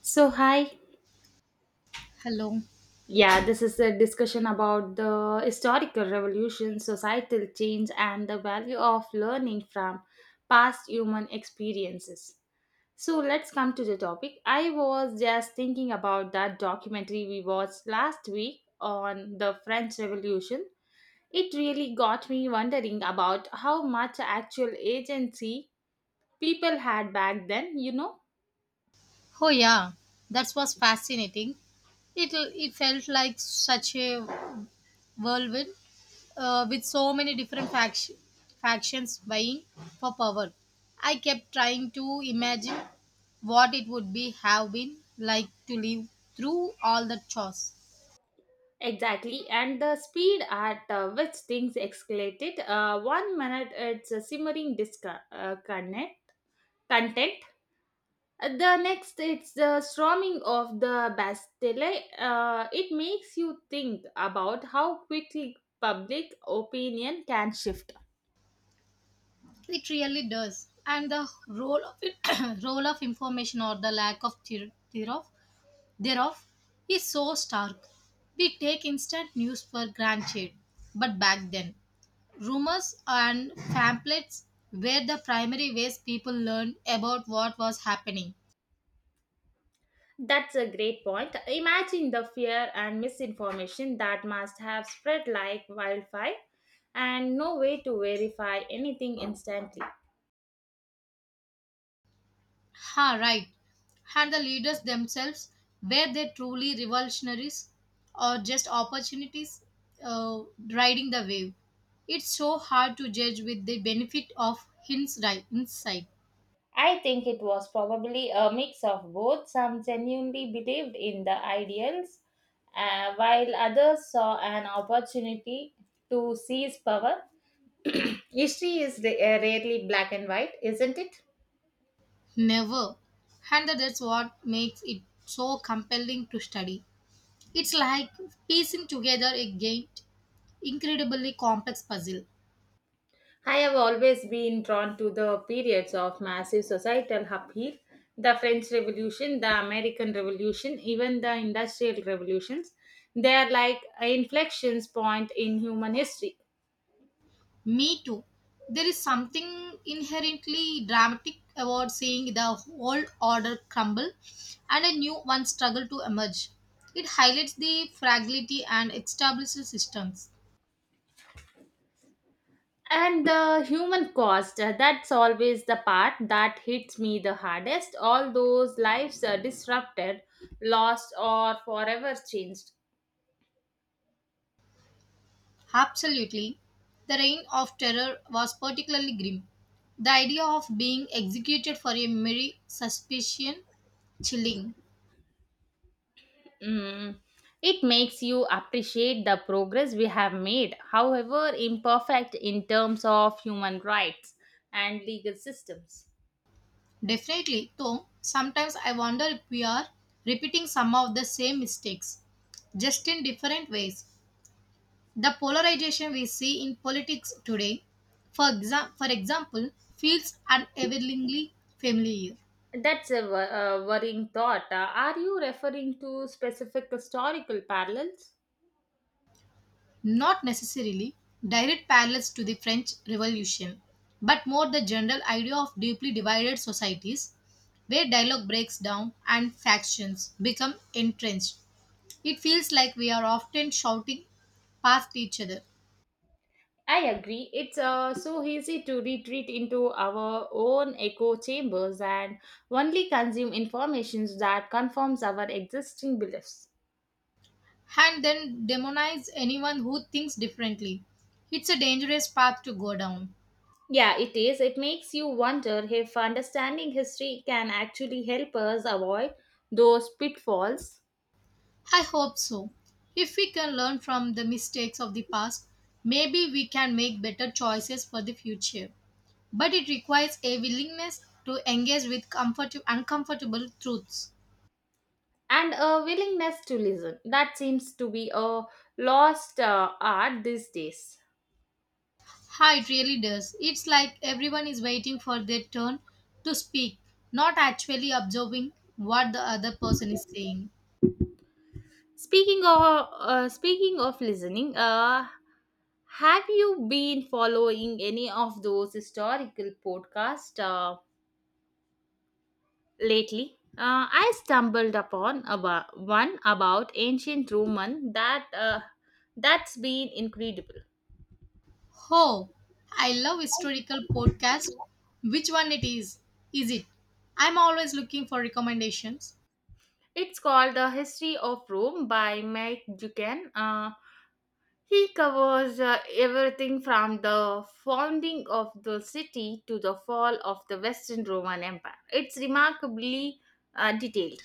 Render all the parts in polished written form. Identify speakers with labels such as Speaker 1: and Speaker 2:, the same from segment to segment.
Speaker 1: So, hi.
Speaker 2: Hello.
Speaker 1: Yeah, this is a discussion about the historical revolution, societal change, and the value of learning from past human experiences. So, let's come to the topic. I was just thinking about that documentary we watched last week on the French Revolution. It really got me wondering about how much actual agency people had back then, you know?
Speaker 2: Oh yeah, that was fascinating. It felt like such a whirlwind with so many different factions vying for power. I kept trying to imagine what it would be have been like to live through all the chores.
Speaker 1: Exactly, and the speed at which things escalated. One minute it's a simmering disconnect content. The next it's the storming of the Bastille. It makes you think about how quickly public opinion can shift.
Speaker 2: It really does, and the role of it, role of information or the lack of thereof is so stark. We take instant news for granted, but back then, rumors and pamphlets were the primary ways people learned about what was happening.
Speaker 1: That's a great point. Imagine the fear and misinformation that must have spread like wildfire, and no way to verify anything instantly.
Speaker 2: Ha, right. And the leaders themselves, were they truly revolutionaries or just opportunities uh, riding the wave? It's so hard to judge with the benefit of hindsight.
Speaker 1: I think it was probably a mix of both. Some genuinely believed in the ideals, while others saw an opportunity to seize power. History is rarely black and white, isn't it?
Speaker 2: Never. And that's what makes it so compelling to study. It's like piecing together a great, incredibly complex puzzle.
Speaker 1: I have always been drawn to the periods of massive societal upheaval: the French Revolution, the American Revolution, even the Industrial Revolutions. They are like inflections point in human history.
Speaker 2: Me too. There is something inherently dramatic about seeing the old order crumble and a new one struggle to emerge. It highlights the fragility and established systems.
Speaker 1: And the human cost, that's always the part that hits me the hardest. All those lives are disrupted, lost, or forever changed.
Speaker 2: Absolutely. The reign of terror was particularly grim. The idea of being executed for a mere suspicion chilling.
Speaker 1: Mm. It makes you appreciate the progress we have made, however imperfect, in terms of human rights and legal systems.
Speaker 2: Definitely, though, sometimes I wonder if we are repeating some of the same mistakes, just in different ways. The polarization we see in politics today, for example, feels unavailingly familiar.
Speaker 1: That's a worrying thought. Are you referring to specific historical parallels?
Speaker 2: Not necessarily direct parallels to the French Revolution, but more the general idea of deeply divided societies where dialogue breaks down and factions become entrenched. It feels like we are often shouting past each other
Speaker 1: I agree. It's so easy to retreat into our own echo chambers and only consume information that confirms our existing beliefs.
Speaker 2: and then demonize anyone who thinks differently. It's a dangerous path to go down.
Speaker 1: Yeah, it is. It makes you wonder if understanding history can actually help us avoid those pitfalls,
Speaker 2: I hope so. If we can learn from the mistakes of the past, maybe we can make better choices for the future, but it requires a willingness to engage with uncomfortable truths.
Speaker 1: and a willingness to listen. That seems to be a lost art these days.
Speaker 2: Ha, it really does. It's like everyone is waiting for their turn to speak, not actually observing what the other person is saying.
Speaker 1: Speaking of speaking of listening, have you been following any of those historical podcasts lately? I stumbled upon about one about ancient Roman that's been incredible.
Speaker 2: Oh, I love historical podcasts. Which one it is? Is it? I'm always looking for recommendations.
Speaker 1: It's called The History of Rome by Mike Dukan. He covers everything from the founding of the city to the fall of the Western Roman Empire. It's remarkably detailed.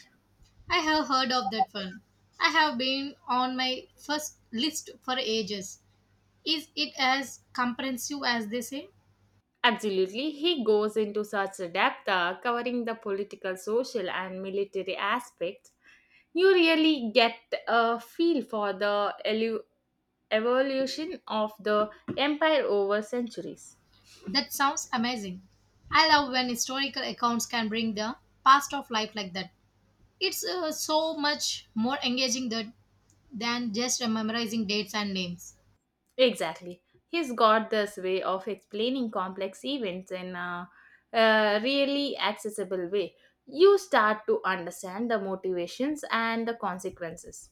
Speaker 2: I have heard of that one. I have been on my first list for ages. Is it as comprehensive as they say?
Speaker 1: Absolutely, he goes into such depth, covering the political, social, and military aspects. You really get a feel for the evolution of the empire over centuries.
Speaker 2: That sounds amazing. I love when historical accounts can bring the past of life like that. It's so much more engaging than just memorizing dates and names.
Speaker 1: Exactly. He's got this way of explaining complex events in a really accessible way. You start to understand the motivations and the consequences.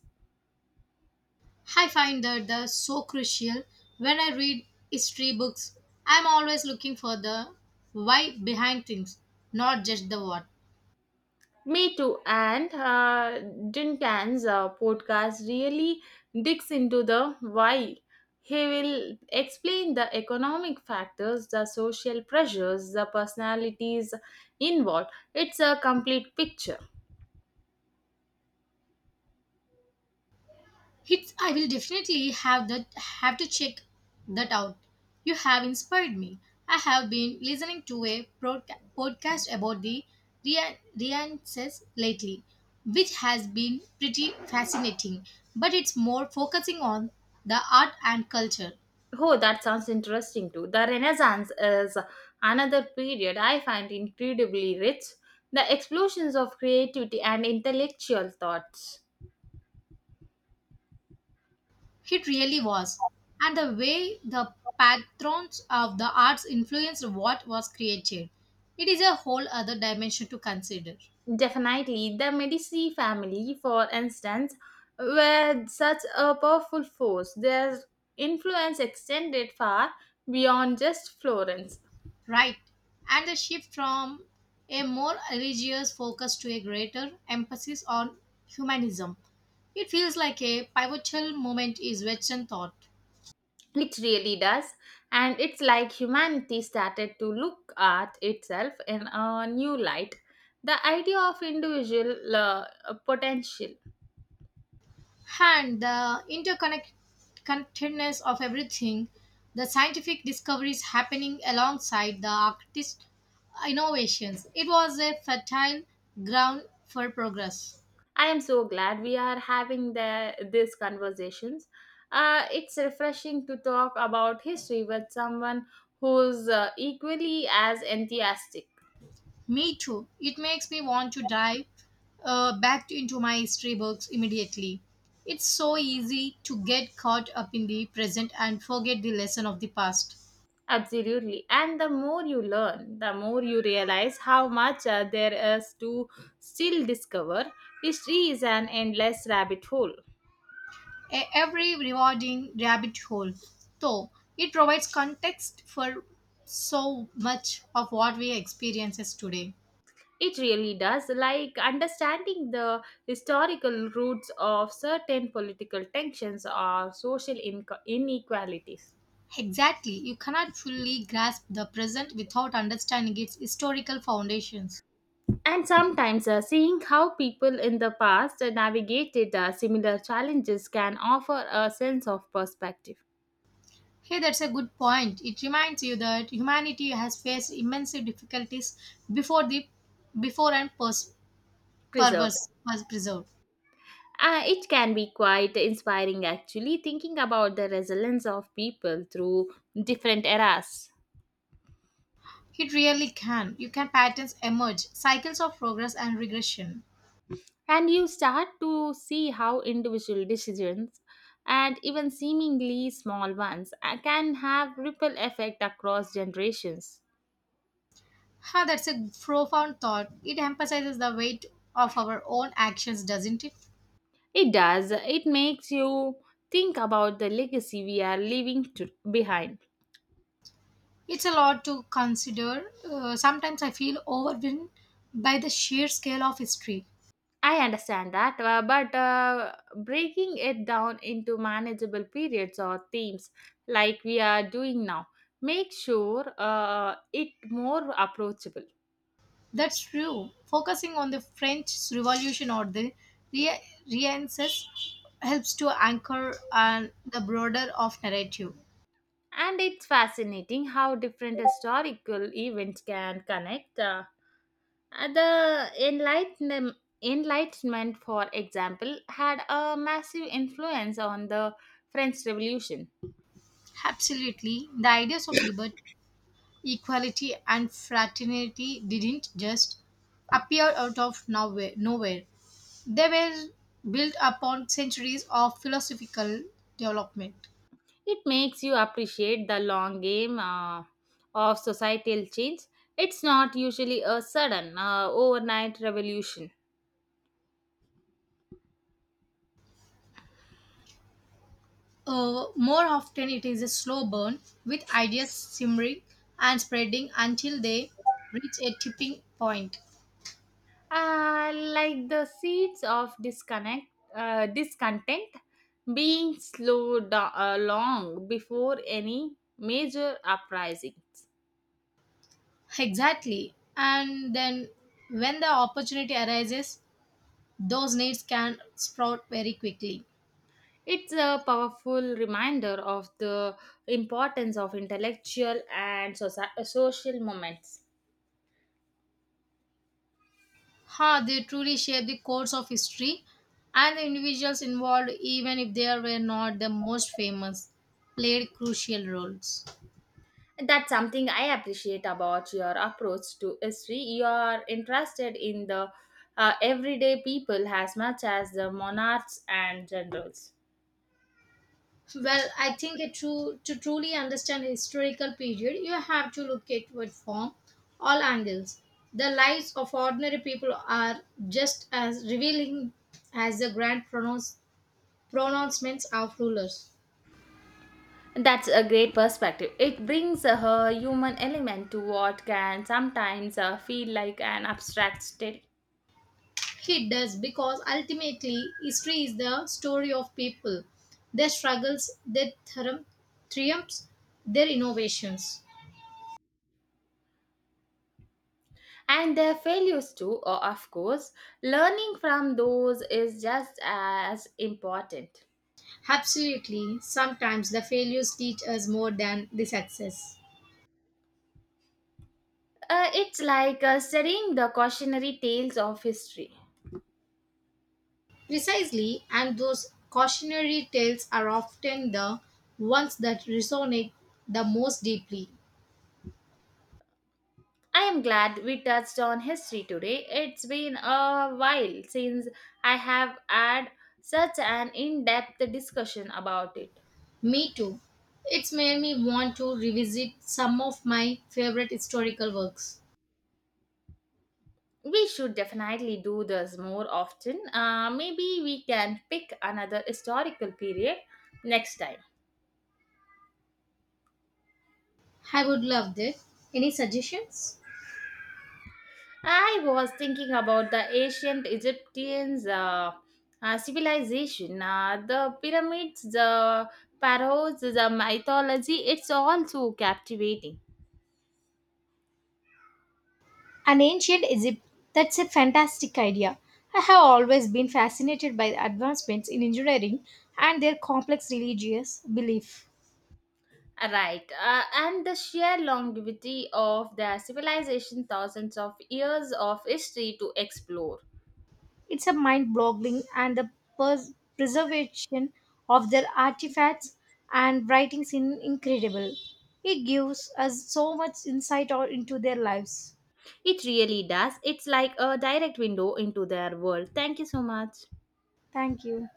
Speaker 2: I find that the so crucial when I read history books. I'm always looking for the why behind things, not just the what.
Speaker 1: Me too. And Duncan's podcast really digs into the why. He will explain the economic factors, the social pressures, the personalities involved. It's a complete picture.
Speaker 2: I will definitely have to check that out. You have inspired me. I have been listening to a podcast about the Rienses lately, which has been pretty fascinating. But it's more focusing on the art and culture.
Speaker 1: Oh, that sounds interesting too. The Renaissance is another period I find incredibly rich. The explosions of creativity and intellectual thoughts.
Speaker 2: It really was, and the way the patrons of the arts influenced what was created. It is a whole other dimension to consider.
Speaker 1: Definitely, the Medici family, for instance, were such a powerful force. Their influence extended far beyond just Florence.
Speaker 2: Right. And the shift from a more religious focus to a greater emphasis on humanism. It feels like a pivotal moment is Western thought.
Speaker 1: It really does. And it's like humanity started to look at itself in a new light. The idea of individual potential.
Speaker 2: And the interconnectedness of everything, the scientific discoveries happening alongside the artist innovations. It was a fertile ground for progress.
Speaker 1: I am so glad we are having these conversations. It's refreshing to talk about history with someone who's equally as enthusiastic.
Speaker 2: Me too. It makes me want to dive back into my history books immediately. It's so easy to get caught up in the present and forget the lesson of the past.
Speaker 1: Absolutely. And the more you learn, the more you realize how much there is to still discover. History is an endless rabbit hole.
Speaker 2: Every rewarding rabbit hole, though, it provides context for so much of what we experiences today.
Speaker 1: It really does, like understanding the historical roots of certain political tensions or social inequalities.
Speaker 2: Exactly, you cannot fully grasp the present without understanding its historical foundations.
Speaker 1: And sometimes seeing how people in the past navigated similar challenges can offer a sense of perspective.
Speaker 2: Hey, that's a good point. It reminds you that humanity has faced immense difficulties before the before and
Speaker 1: Preserve.
Speaker 2: purpose was preserved.
Speaker 1: It can be quite inspiring actually, thinking about the resilience of people through different eras.
Speaker 2: It really can. You can patterns emerge, cycles of progress and regression.
Speaker 1: And you start to see how individual decisions and even seemingly small ones can have ripple effect across generations.
Speaker 2: Huh, that's a profound thought. It emphasizes the weight of our own actions, doesn't it?
Speaker 1: It does. It makes you think about the legacy we are leaving behind.
Speaker 2: It's a lot to consider. Sometimes I feel overwhelmed by the sheer scale of history.
Speaker 1: I understand that, but breaking it down into manageable periods or themes like we are doing now, make sure it more approachable.
Speaker 2: That's true. Focusing on the French Revolution or the re- Renaissance helps to anchor on the broader of narrative.
Speaker 1: And it's fascinating how different historical events can connect. The Enlightenment, for example, had a massive influence on the French Revolution.
Speaker 2: Absolutely, the ideas of liberty, equality, and fraternity didn't just appear out of nowhere. They were built upon centuries of philosophical development.
Speaker 1: It makes you appreciate the long game of societal change. It's not usually a sudden, overnight revolution.
Speaker 2: More often, it is a slow burn with ideas simmering and spreading until they reach a tipping point.
Speaker 1: Like the seeds of discontent being along before any major uprisings.
Speaker 2: Exactly. And then, when the opportunity arises, those needs can sprout very quickly.
Speaker 1: It's a powerful reminder of the importance of intellectual and social moments.
Speaker 2: Huh, they truly shape the course of history and the individuals involved, even if they were not the most famous, played crucial roles.
Speaker 1: That's something I appreciate about your approach to history. You are interested in the everyday people as much as the monarchs and generals.
Speaker 2: Well, I think to truly understand a historical period, you have to look at it from all angles. The lives of ordinary people are just as revealing as the grand pronouncements of rulers.
Speaker 1: That's a great perspective. It brings a human element to what can sometimes feel like an abstract state.
Speaker 2: It does because ultimately history is the story of people, their struggles, their triumphs, their innovations.
Speaker 1: And their failures, too, of course. Learning from those is just as important.
Speaker 2: Absolutely, sometimes the failures teach us more than the success.
Speaker 1: It's like studying the cautionary tales of history.
Speaker 2: Precisely, and those cautionary tales are often the ones that resonate the most deeply.
Speaker 1: I am glad we touched on history today. It's been a while since I have had such an in depth discussion about it.
Speaker 2: Me too. It's made me want to revisit some of my favorite historical works.
Speaker 1: We should definitely do this more often. Maybe we can pick another historical period next time.
Speaker 2: I would love that. Any suggestions?
Speaker 1: I was thinking about the ancient Egyptians' civilization, the pyramids, the pharaohs, the mythology. It's all so captivating.
Speaker 2: An ancient Egypt, that's a fantastic idea. I have always been fascinated by the advancements in engineering and their complex religious belief.
Speaker 1: Right, and the sheer longevity of their civilization, thousands of years of history to explore.
Speaker 2: It's a mind boggling, and the preservation of their artifacts and writings is incredible. It gives us so much into their lives.
Speaker 1: It really does. It's like a direct window into their world. Thank you so much.
Speaker 2: Thank you.